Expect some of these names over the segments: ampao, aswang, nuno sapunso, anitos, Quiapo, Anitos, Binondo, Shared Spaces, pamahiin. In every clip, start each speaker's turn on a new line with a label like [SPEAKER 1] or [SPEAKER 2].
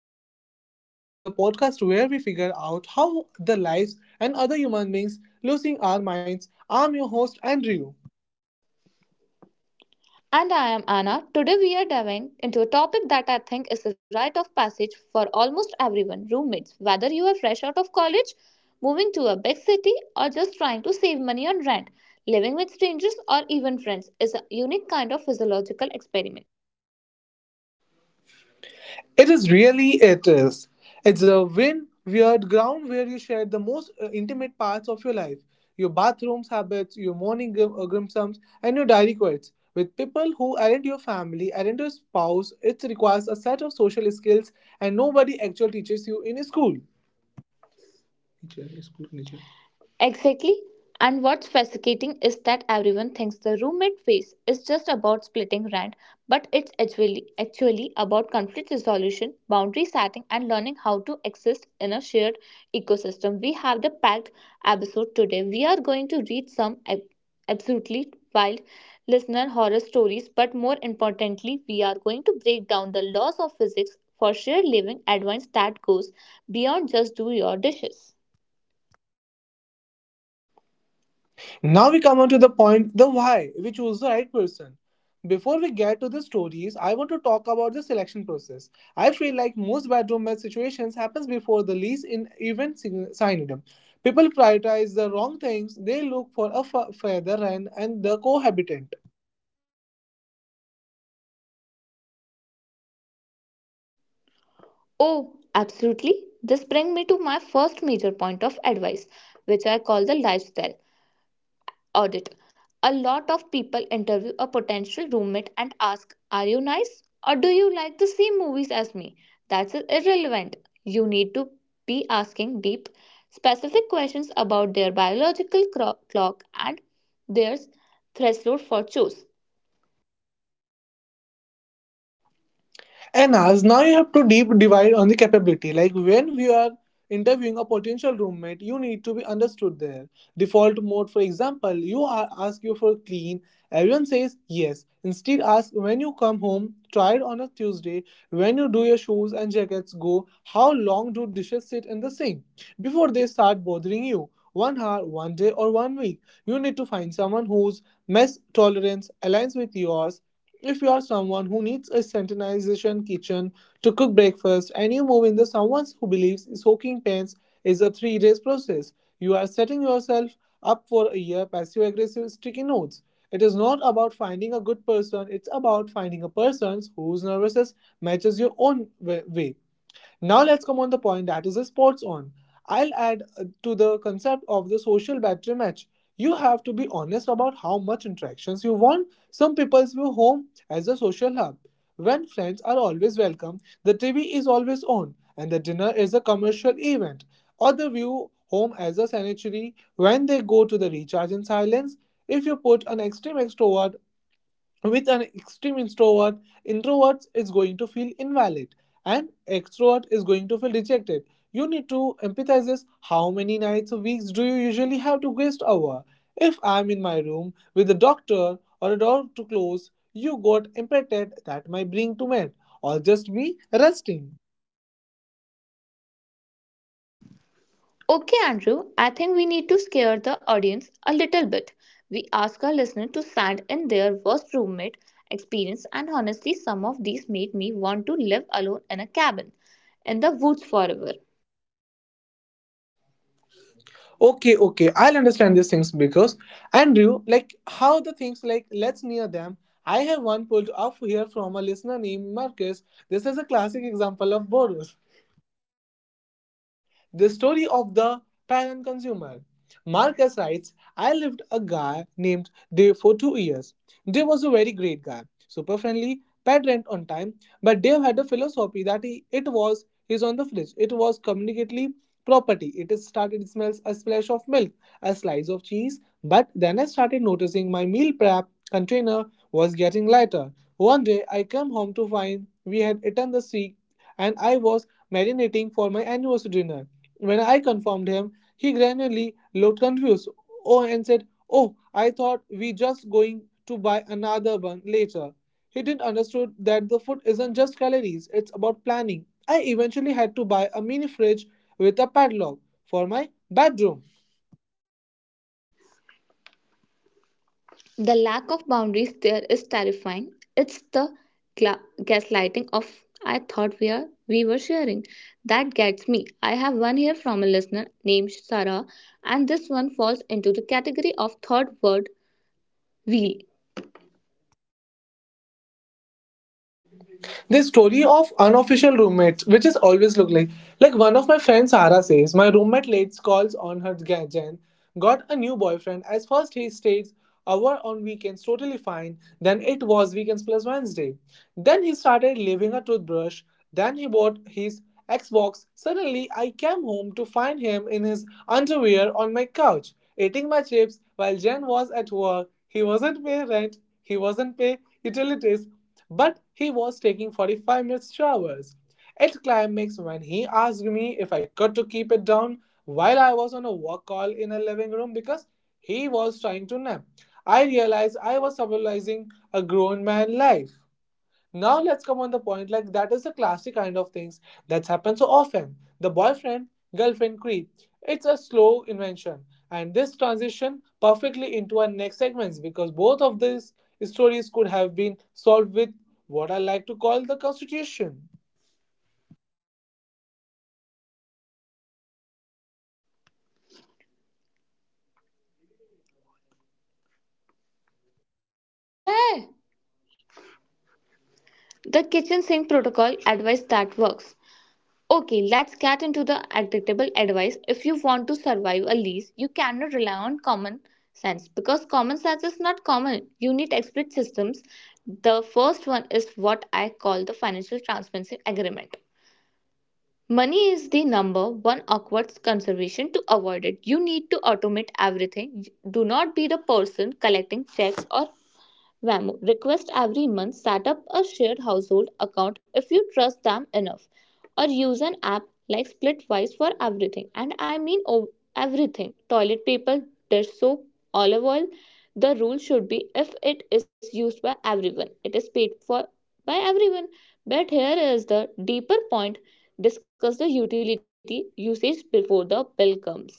[SPEAKER 1] listening to Shared Spaces, the podcast where we figure out how the lives and other human beings losing our minds. I'm your host, Andrew.
[SPEAKER 2] And I am Anna. Today we are diving into a topic that I think is a rite of passage for almost everyone roommates. Whether you are fresh out of college, moving to a big city, or just trying to save money on rent, living with strangers or even friends is a unique kind of physiological experiment.
[SPEAKER 1] It is really, it is. It's a win weird ground where you share the most intimate parts of your life your bathrooms, habits, your morning grimsums, and your diary quotes. With people who aren't your family, aren't your spouse, it requires a set of social skills and nobody actually teaches you in school.
[SPEAKER 2] Exactly. And what's fascinating is that everyone thinks the roommate phase is just about splitting rent, but it's actually about conflict resolution, boundary setting, and learning how to exist in a shared ecosystem. We have the packed episode today. We are going to read some absolutely wild listener horror stories, but more importantly, we are going to break down the laws of physics for shared living advice that goes beyond just do your dishes.
[SPEAKER 1] Now we come on to the point the why we choose the right person. Before we get to the stories, I want to talk about the selection process. I feel like most bedroom match situations happens before the lease in even signing. People prioritize the wrong things. They look for a fa- feather and the cohabitant.
[SPEAKER 2] Oh, absolutely. This brings me to my first major point of advice, which I call the lifestyle audit. A lot of people interview a potential roommate and ask, "Are you nice?" Or, "Do you like the same movies as me?" That's irrelevant. You need to be asking deep, specific questions about their biological clock and their threshold for chores.
[SPEAKER 1] And as now you have to deep divide on the capability. Like when we are interviewing a potential roommate, you need to be understood there. Default mode, for example, you are ask you for clean. Everyone says yes. Instead, ask when you come home. Try it on a Tuesday. When you do your shoes and jackets go, how long do dishes sit in the sink before they start bothering you? One hour, one day, or one week. You need to find someone whose mess tolerance aligns with yours if you are someone who needs a sanitization kitchen to cook breakfast and you move into someone who believes soaking pans is a 3 days process, you are setting yourself up for a year passive aggressive sticky notes. It is not about finding a good person, it's about finding a person whose nervousness matches your own way. Now let's come on the point that is a sports on. I'll add to the concept of the social battery match. You have to be honest about how much interactions you want. Some people view home as a social hub. When friends are always welcome, the TV is always on, and the dinner is a commercial event. Other view home as a sanctuary, when they go to the recharge in silence. If you put an extreme extrovert with an extreme introvert, introverts is going to feel invalid and extrovert is going to feel rejected. You need to empathize this. How many nights or weeks do you usually have to guest over? If I'm in my room with a doctor or a door to close, you got impacted that my bring to mend or just me resting.
[SPEAKER 2] Okay, Andrew, I think we need to scare the audience a little bit. We ask our listener to send in their worst roommate experience, and honestly, some of these made me want to live alone in a cabin in the woods forever.
[SPEAKER 1] Okay, okay, I'll understand these things because Andrew, like how the things like let's near them. I have one pulled up here from a listener named Marcus. This is a classic example of boros, the story of the parent consumer. Marcus writes, I lived a guy named Dave for 2 years. Dave was a very great guy, super friendly, paid rent on time, but Dave had a philosophy that he, it was his on the fridge. It was communicately property. It is started it smells a splash of milk, a slice of cheese, but then I started noticing my meal prep container was getting lighter. One day I came home to find we had eaten the sea and I was marinating for my anniversary dinner. When I confirmed him, he gradually looked confused oh, and said, Oh, I thought we just going to buy another one later. He didn't understood that the food isn't just calories, it's about planning. I eventually had to buy a mini fridge with a padlock for my bedroom.
[SPEAKER 2] The lack of boundaries there is terrifying. It's the gaslighting of "I thought we were sharing" that gets me. I have one here from a listener named Sarah, and this one falls into the category of third word wheel.
[SPEAKER 1] This story of unofficial roommates, which is always look like. Like one of my friends, Sarah says, my roommate late calls on her Jan, got a new boyfriend. As first he stays hour on weekends, totally fine. Then it was weekends plus Wednesday. Then he started leaving a toothbrush. Then he bought his Xbox. Suddenly, I came home to find him in his underwear on my couch, eating my chips while Jen was at work. He wasn't paying rent, he wasn't paying utilities, but he was taking 45 minutes showers. At climax, when he asked me if I could to keep it down while I was on a work call in a living room because he was trying to nap, I realized I was symbolizing a grown man life. Now let's come on the point like that is the classic kind of things that's happened so often. The boyfriend girlfriend creep. It's a slow invention and this transition perfectly into our next segments because both of these stories could have been solved with what I like to call the constitution.
[SPEAKER 2] Huh? The kitchen sink protocol advice that works. Okay, let's get into the adaptable advice. If you want to survive a lease, you cannot rely on common sense, because common sense is not common. You need explicit systems. The first one is what I call the financial transparency agreement. Money is the number one awkward conservation to avoid it. You need to automate everything. Do not be the person collecting checks or Vamo, request every month. Set up a shared household account if you trust them enough, or use an app like Splitwise for everything. And I mean everything: toilet paper, dish soap, olive oil. The rule should be, if it is used by everyone, it is paid for by everyone. But here is the deeper point: discuss the utility usage before the bill comes.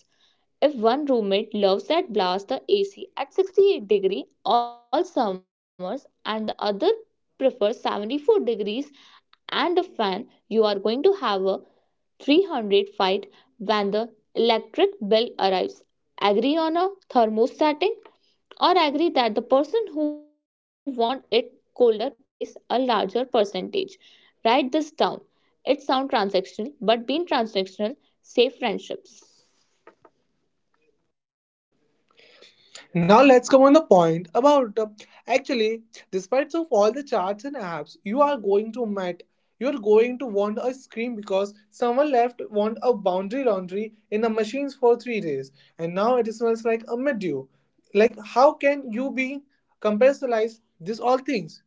[SPEAKER 2] If one roommate loves that blast the AC at 68-degree all summers and the other prefers 74 degrees and a fan, you are going to have a 300 fight when the electric bill arrives. Agree on a thermostating, or agree that the person who wants it colder pays a larger percentage. Write this down. It sounds transactional, but being transactional save friendships.
[SPEAKER 1] Now let's come on the point about actually, despite of all the charts and apps, you are going to met. You are going to want a scream because someone left want a boundary laundry in the machines for 3 days, and now it smells like a mildew. Like how can you be comparison this all things?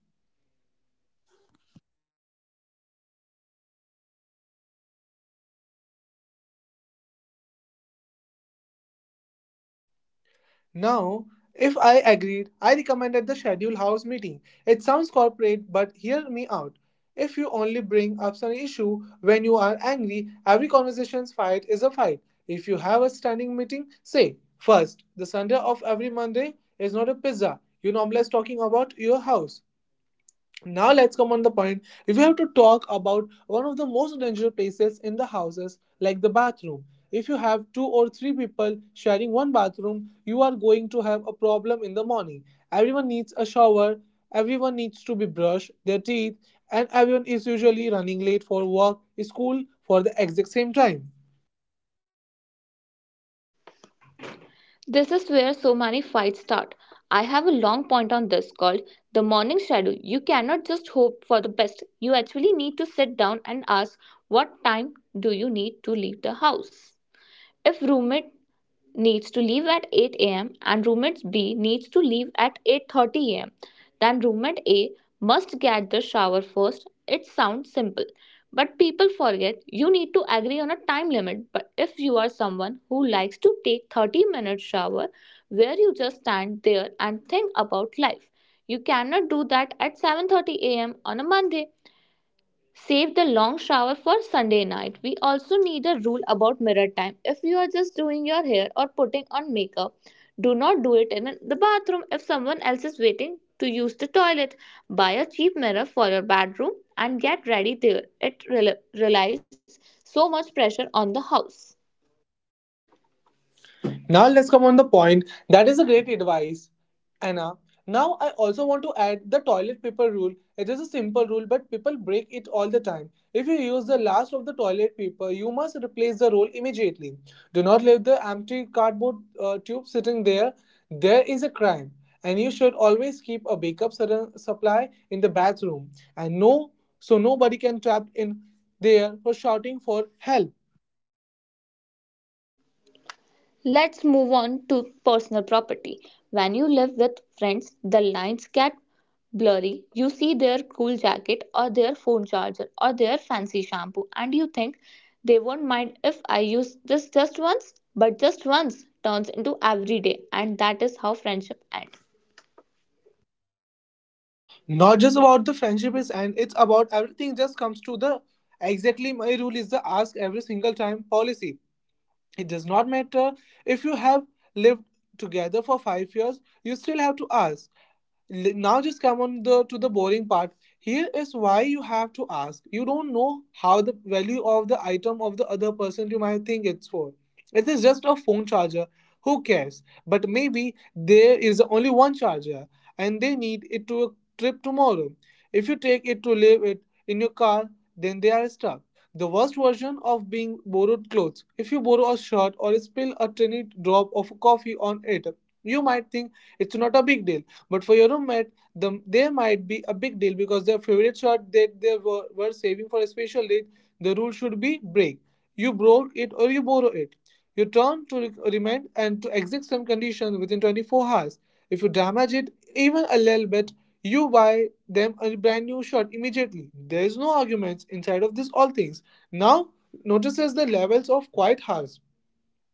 [SPEAKER 1] Now, if I agreed, I recommended the schedule house meeting. It sounds corporate, but hear me out. If you only bring up some issue when you are angry, every conversation's fight is a fight. If you have a standing meeting, say, first, the Sunday of every Monday is not a pizza. You normalize talking about your house. Now let's come on the point. If you have to talk about one of the most dangerous places in the houses, like the bathroom. If you have two or three people sharing one bathroom, you are going to have a problem in the morning. Everyone needs a shower, everyone needs to be brushed their teeth, and everyone is usually running late for work, school for the exact same time.
[SPEAKER 2] This is where so many fights start. I have a long point on this called the morning shadow. You cannot just hope for the best. You actually need to sit down and ask, what time do you need to leave the house? If roommate needs to leave at 8 a.m. and roommate B needs to leave at 8:30 a.m., then roommate A must get the shower first. It sounds simple, but people forget you need to agree on a time limit. But if you are someone who likes to take 30-minute shower where you just stand there and think about life, you cannot do that at 7:30 a.m. on a Monday. Save the long shower for Sunday night. We also need a rule about mirror time. If you are just doing your hair or putting on makeup, do not do it in the bathroom if someone else is waiting to use the toilet. Buy a cheap mirror for your bedroom and get ready there. It relies so much pressure on the house.
[SPEAKER 1] Now let's come on the point. That is a great advice, Anna. Now I also want to add the toilet paper rule. It is a simple rule, but people break it all the time. If you use the last of the toilet paper, you must replace the roll immediately. Do not leave the empty cardboard tube sitting there. There is a crime, and you should always keep a backup supply in the bathroom, and no, so nobody can trapped in there for shouting for help.
[SPEAKER 2] Let's move on to personal property. When you live with friends, the lines get blurry. You see their cool jacket or their phone charger or their fancy shampoo, and you think they won't mind if I use this just once, but just once turns into every day, and that is how friendship ends.
[SPEAKER 1] Not just about the friendship is and it's about everything just comes to the exactly my rule is the ask every single time policy. It does not matter if you have lived together for 5 years, you still have to ask. Now just come on the to the boring part. Here is why you have to ask, you don't know how the value of the item of the other person. You might think it's for it is just a phone charger, who cares, but maybe there is only one charger and they need it to a trip tomorrow. If you take it to leave it in your car, then they are stuck. The worst version of being borrowed clothes, if you borrow a shirt or spill a tiny drop of coffee on it, you might think it's not a big deal, but for your roommate, they might be a big deal because their favorite shot that were saving for a special date, the rule should be break. You broke it or you borrow it. You turn to remand and to exact some conditions within 24 hours. If you damage it even a little bit, you buy them a brand new shot immediately. There is no arguments inside of this all things. Now notices the levels of quiet hours.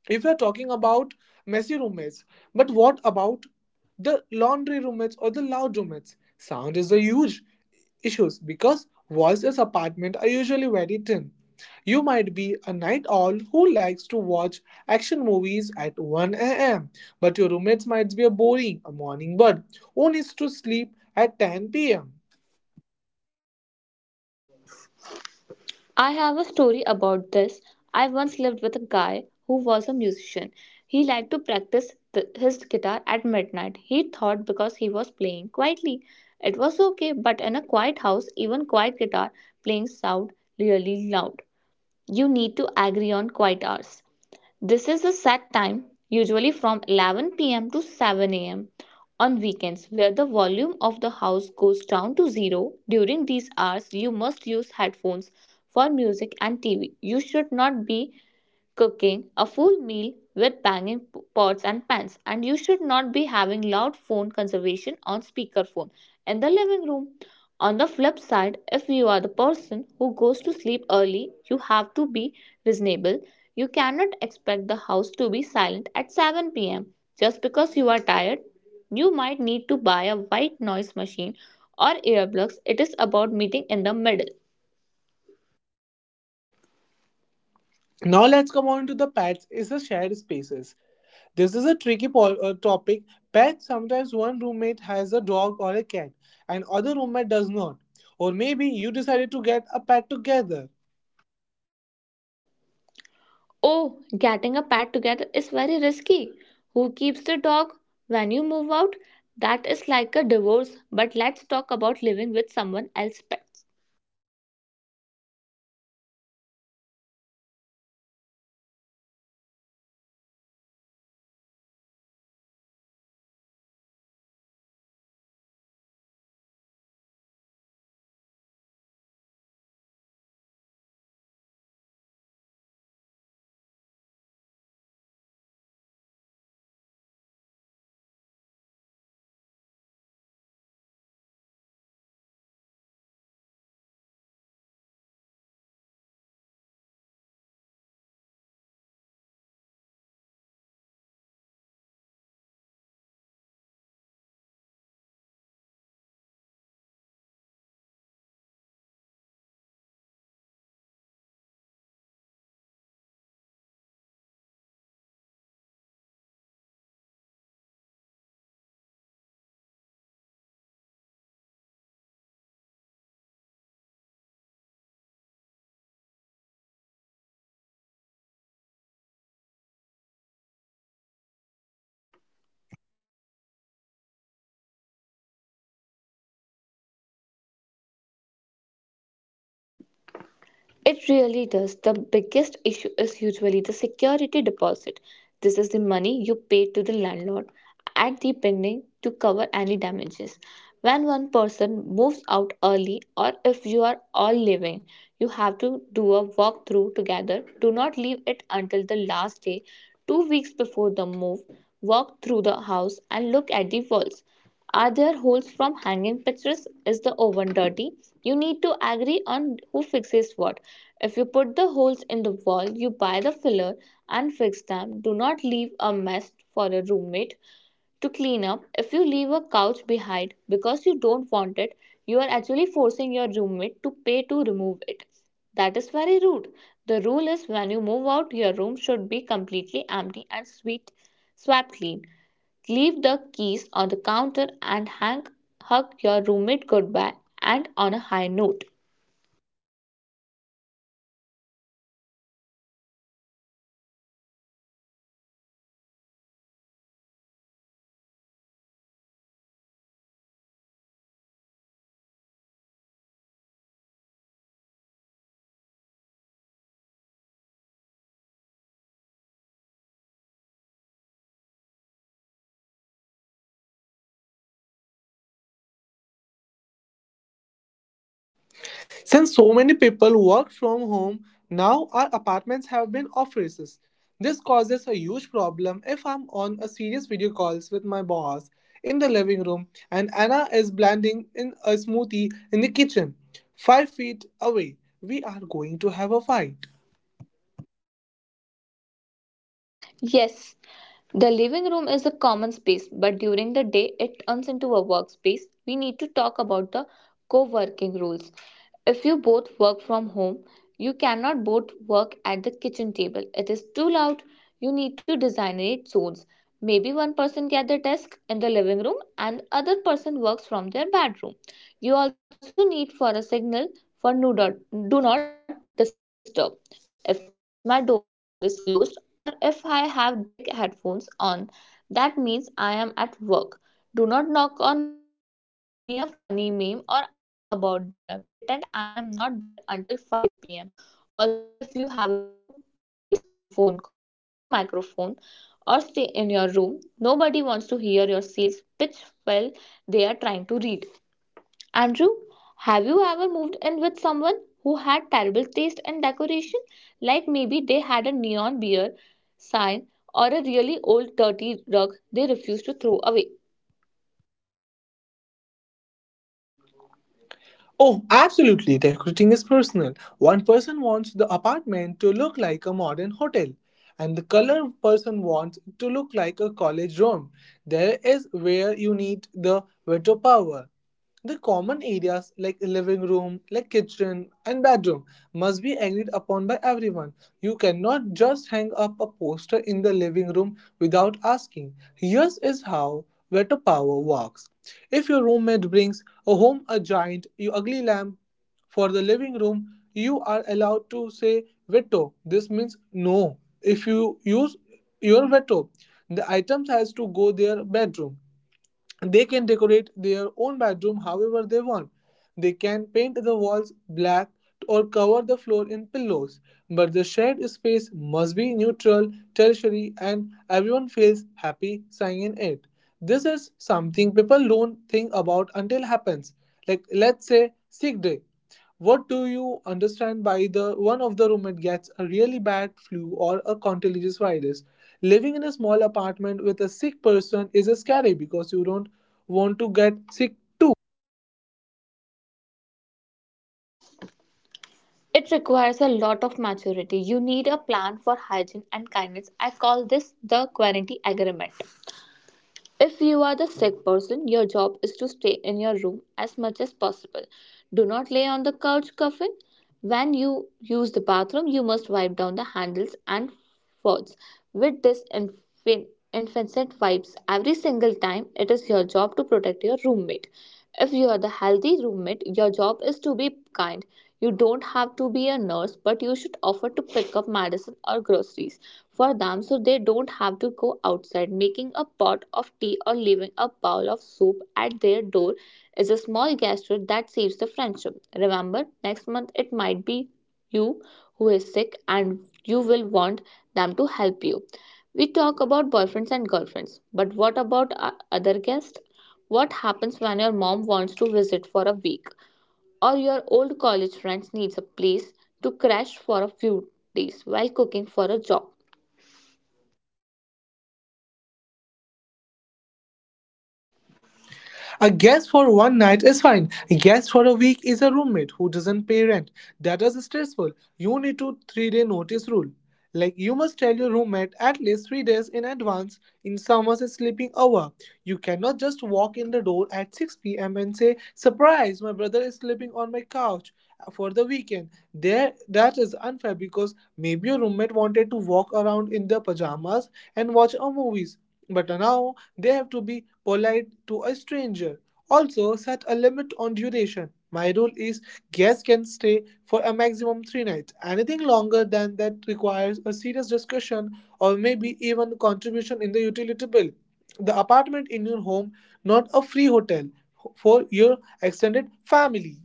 [SPEAKER 1] If we are talking about messy roommates, but what about the laundry roommates or the loud roommates, sound is a huge issues because voices apartment are usually very thin. You might be a night owl who likes to watch action movies at 1 a.m., but your roommates might be a boring a morning bird who needs to sleep at 10 p.m.
[SPEAKER 2] I have a story about this. I once lived with a guy who was a musician. He liked to practice his guitar at midnight. He thought because he was playing quietly, it was okay, but in a quiet house, even quiet guitar playing sound really loud. You need to agree on quiet hours. This is the set time, usually from 11 p.m. to 7 a.m. on weekends, where the volume of the house goes down to zero. During these hours, you must use headphones for music and TV. You should not be cooking a full meal with banging pots and pans, and you should not be having loud phone conversation on speakerphone in the living room. On the flip side, if you are the person who goes to sleep early, you have to be reasonable. You cannot expect the house to be silent at 7 p.m. just because you are tired. You might need to buy a white noise machine or earplugs. It is about meeting in the middle.
[SPEAKER 1] Now let's come on to the pets is the shared spaces. This is a tricky topic. Pets sometimes one roommate has a dog or a cat, and other roommate does not. Or maybe you decided to get a pet together.
[SPEAKER 2] Oh, getting a pet together is very risky. Who keeps the dog when you move out? That is like a divorce, but let's talk about living with someone else's pets. It really does. The biggest issue is usually the security deposit. This is the money you pay to the landlord at the beginning to cover any damages. When one person moves out early, or if you are all leaving, you have to do a walkthrough together. Do not leave it until the last day, 2 weeks before the move. Walk through the house and look at the walls. Are there holes from hanging pictures? Is the oven dirty? You need to agree on who fixes what. If you put the holes in the wall, you buy the filler and fix them. Do not leave a mess for a roommate to clean up. If you leave a couch behind because you don't want it, you are actually forcing your roommate to pay to remove it. That is very rude. The rule is, when you move out, your room should be completely empty and swept clean. Leave the keys on the counter, and hang hug your roommate goodbye and on a high note.
[SPEAKER 1] Since so many people work from home, now our apartments have been offices. This causes a huge problem if I'm on a serious video calls with my boss in the living room and Anna is blending in a smoothie in the kitchen, 5 feet away. We are going to have a fight.
[SPEAKER 2] Yes. The living room is a common space, but during the day it turns into a workspace. We need to talk about the co working rules. If you both work from home, you cannot both work at the kitchen table. It is too loud. You need to designate zones. Maybe one person gets the desk in the living room and other person works from their bedroom. You also need for a signal for do not disturb. If my door is closed or if I have big headphones on, that means I am at work. Do not knock on my door to show me a funny meme or ask about dinner. Pretend I am not there until 5 pm. Also, if you have a loud voice on phone calls, please buy a better microphone or stay in your room. Nobody wants to hear your sales pitch while they are trying to read. Andrew, have you ever moved in with someone who had terrible taste in decoration? Like maybe they had a neon beer sign or a really old dirty rug they refused to throw away.
[SPEAKER 1] Oh, absolutely. Decorating is personal. One person wants the apartment to look like a modern hotel, and the color person wants to look like a college dorm. There is where you need the veto power. The common areas like living room, like kitchen and bedroom must be agreed upon by everyone. You cannot just hang up a poster in the living room without asking. Here is how veto power works. If your roommate brings a home, a giant, you ugly lamb. For the living room, you are allowed to say veto. This means no. If you use your veto, the items has to go their bedroom. They can decorate their own bedroom however they want. They can paint the walls black or cover the floor in pillows, but the shared space must be neutral, tertiary, and everyone feels happy staying in it. This is something people don't think about until happens. Like let's say sick day. What do you understand by the one of the roommate gets a really bad flu or a contagious virus? Living in a small apartment with a sick person is scary because you don't want to get sick too.
[SPEAKER 2] It requires a lot of maturity. You need a plan for hygiene and kindness. I call this the quarantine agreement. If you are the sick person, your job is to stay in your room as much as possible. Do not lay on the couch coffin. When you use the bathroom, you must wipe down the handles and faucets with disinfectant wipes every single time. It is your job to protect your roommate. If you are the healthy roommate, your job is to be kind. You don't have to be a nurse, but you should offer to pick up medicine or groceries for them so they don't have to go outside. Making a pot of tea or leaving a bowl of soup at their door is a small gesture that saves the friendship. Remember, next month it might be you who is sick and you will want them to help you. We talk about boyfriends and girlfriends, but what about other guests? What happens when your mom wants to visit for a week or your old college friends needs a place to crash for a few days while cooking for a job?
[SPEAKER 1] A guest for one night is fine. A guest for a week is a roommate who doesn't pay rent. That is stressful. You need to 3 day notice rule. Like you must tell your roommate at least 3 days in advance in someone's sleeping hour. You cannot just walk in the door at 6 p.m. and say, "Surprise! My brother is sleeping on my couch for the weekend." There, that is unfair because maybe your roommate wanted to walk around in their pajamas and watch a movies. But now they have to be polite to a stranger. Also, set a limit on duration. My rule is guests can stay for a maximum three nights. Anything longer than that requires a serious discussion or maybe even contribution in the utility bill. The apartment in your home, not a free hotel for your extended family.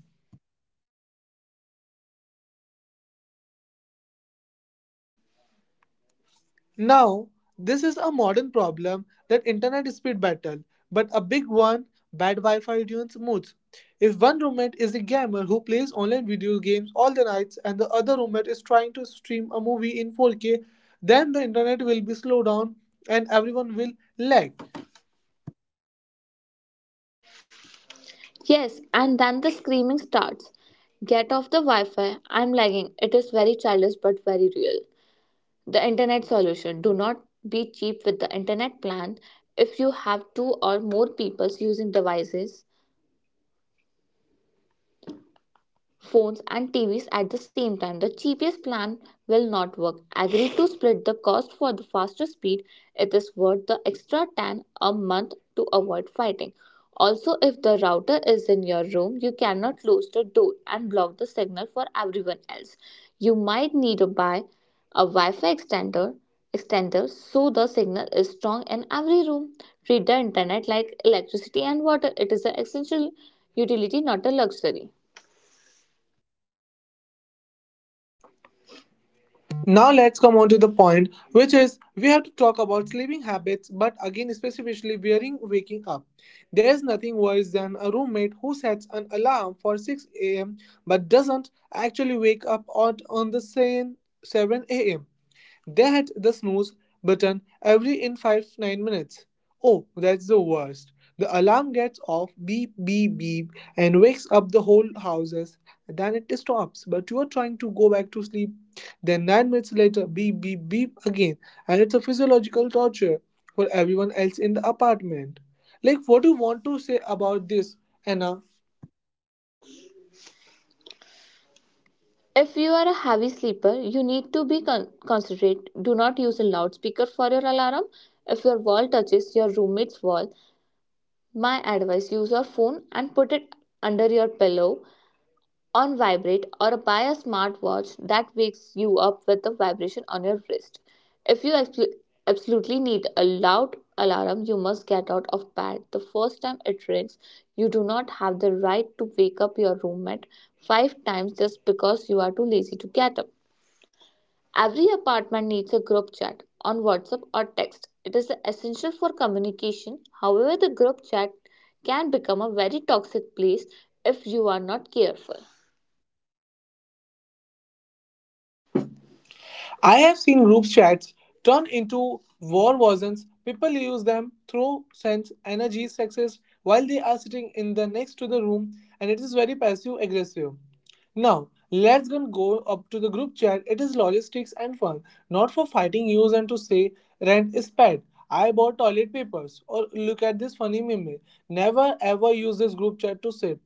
[SPEAKER 1] Now, this is a modern problem that internet speed battle, but a big one bad Wi-Fi ruins moods. If one roommate is a gamer who plays online video games all the nights and the other roommate is trying to stream a movie in 4K, then the internet will be slowed down and everyone will lag.
[SPEAKER 2] Yes, and then the screaming starts. Get off the Wi Fi. I'm lagging. It is very childish but very real. The internet solution: do not be cheap with the internet plan. If you have two or more people using devices, phones and TVs at the same time, the cheapest plan will not work. Agree to split the cost for the faster speed. It is worth the extra 10 a month to avoid fighting. Also, if the router is in your room, you cannot close the door and block the signal for everyone else. You might need to buy a Wi-Fi extender so the signal is strong in every room. Treat the internet like electricity and water. It is an essential utility, not a luxury.
[SPEAKER 1] Now let's come on to the point, which is we have to talk about sleeping habits, but again specifically wearing waking up. There's nothing worse than a roommate who sets an alarm for 6 a.m. but doesn't actually wake up out on the same 7 a.m. They had the snooze button every in 5 to 9 minutes. Oh, that's the worst. The alarm gets off, beep, beep, beep, and wakes up the whole houses. Then it stops, but you are trying to go back to sleep. Then 9 minutes later, beep, beep, beep again, and it's a physiological torture for everyone else in the apartment. Like, what do you want to say about this, Anna?
[SPEAKER 2] If you are a heavy sleeper, you need to be considerate. Do not use a loudspeaker for your alarm. If your wall touches your roommate's wall, my advice: use your phone and put it under your pillow on vibrate, or buy a smartwatch that wakes you up with a vibration on your wrist. If you absolutely need a loud alarm, you must get out of bed the first time it rings. You do not have the right to wake up your roommate five times just because you are too lazy to get up. Every apartment needs a group chat on WhatsApp or text. It is essential for communication. However, the group chat can become a very toxic place if you are not careful.
[SPEAKER 1] I have seen group chats turn into war wasn't. People use them, throw, sense, energy, success while they are sitting in the next to the room, and it is very passive aggressive. Now, let's go up to the group chat. It is logistics and fun, not for fighting use and to say rent is paid. I bought toilet papers or look at this funny meme. Never ever use this group chat to say,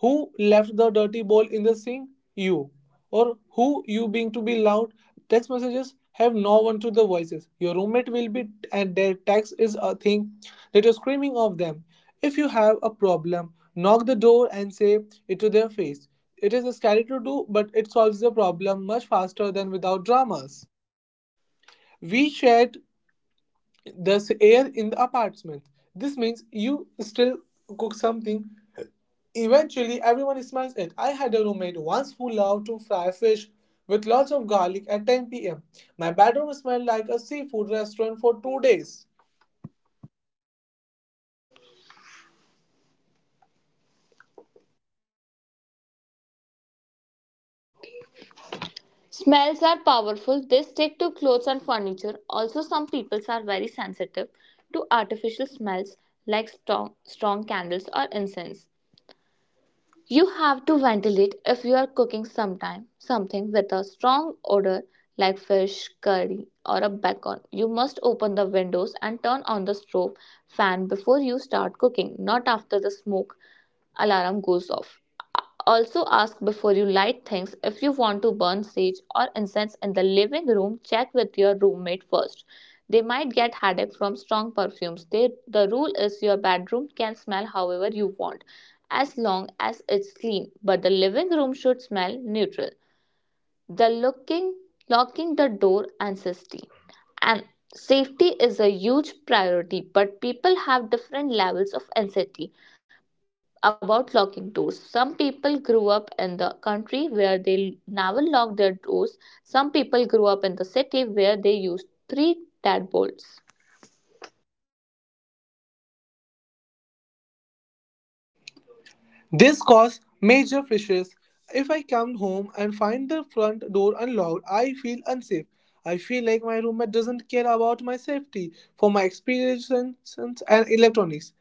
[SPEAKER 1] who left the dirty bowl in the sink? You. Or who you being to be loud? Text messages have no one to the voices. Your roommate will be, and their text is a thing that you're screaming of them. If you have a problem, knock the door and say it to their face. It is scary to do, but it solves the problem much faster than without dramas. We shared the air in the apartment. This means you still cook something. Eventually, everyone smashed it. I had a roommate once who loved to fry fish with lots of garlic at 10 pm. My bedroom smelled like a seafood restaurant for 2 days.
[SPEAKER 2] Smells are powerful. They stick to clothes and furniture. Also, some people are very sensitive to artificial smells like strong, strong candles or incense. You have to ventilate. If you are cooking sometime something with a strong odor like fish, curry, or a bacon, you must open the windows and turn on the stove fan before you start cooking, not after the smoke alarm goes off. Also, ask before you light things. If you want to burn sage or incense in the living room, check with your roommate first. They might get headache from strong perfumes. They, the rule is, your bedroom can smell however you want as long as it's clean, but the living room should smell neutral. The looking locking the door and safety. And safety is a huge priority, but people have different levels of anxiety about locking doors. Some people grew up in the country where they never locked their doors. Some people grew up in the city where they used three deadbolts.
[SPEAKER 1] This caused major fissures. If I come home and find the front door unlocked, I feel unsafe. I feel like my roommate doesn't care about my safety for my experiences and electronics.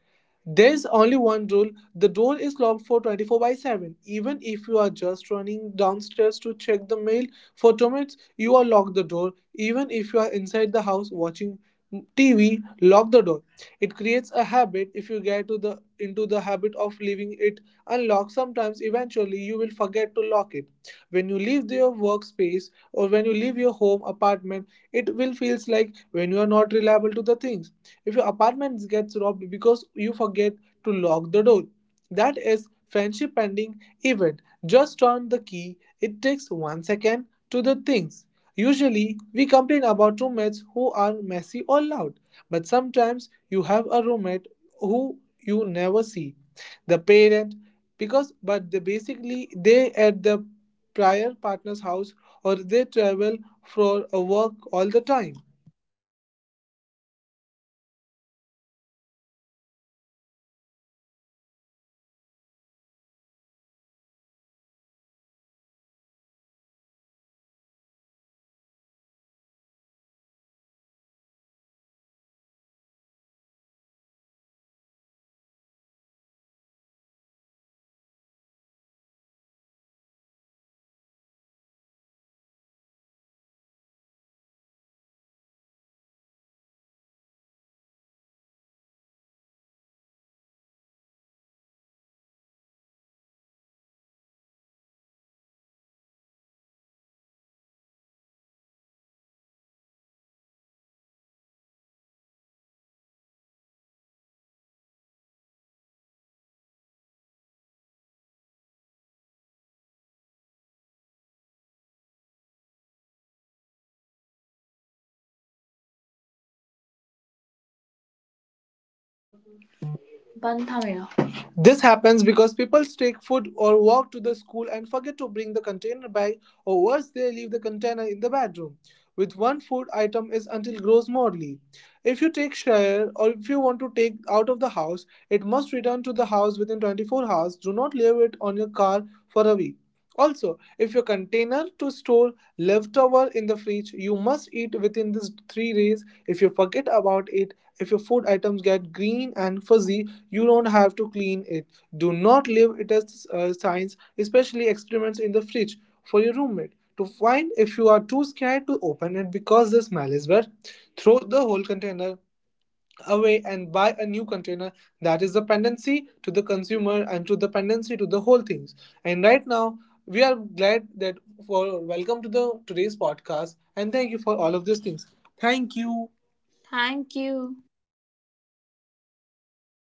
[SPEAKER 1] There's only one rule the door is locked for 24 by 7. Even if you are just running downstairs to check the mail for 2 minutes, you are locked the door. Even if you are inside the house watching TV, lock the door. It creates a habit. If you get into the habit of leaving it unlocked sometimes eventually you will forget to lock it when you leave your workspace or when you leave your home apartment, it will feels like when you are not reliable to the things. If your apartment gets robbed because you forget to lock the door, that is friendship ending event. Just turn the key, it takes 1 second to the things. Usually, we complain about roommates who are messy or loud, but sometimes you have a roommate who you never see the parent because but they basically they at the prior partner's house or they travel for a work all the time Banthamera. This happens because people take food or walk to the school and forget to bring the container bag, or worse, they leave the container in the bedroom with one food item is until grows morally. If you take share or if you want to take out of the house, it must return to the house within 24 hours. Do not leave it on your car for a week. Also, if your container to store leftover in the fridge, you must eat within these 3 days. If you forget about it, if your food items get green and fuzzy, you don't have to clean it. Do not leave it as signs, especially experiments in the fridge for your roommate to find if you are too scared to open it because the smell is bad. Throw the whole container away and buy a new container that is dependency to the consumer and to dependency to the whole things. And right now, we are glad that for welcome to the today's podcast and thank you for all of these things. Thank you. Thank you.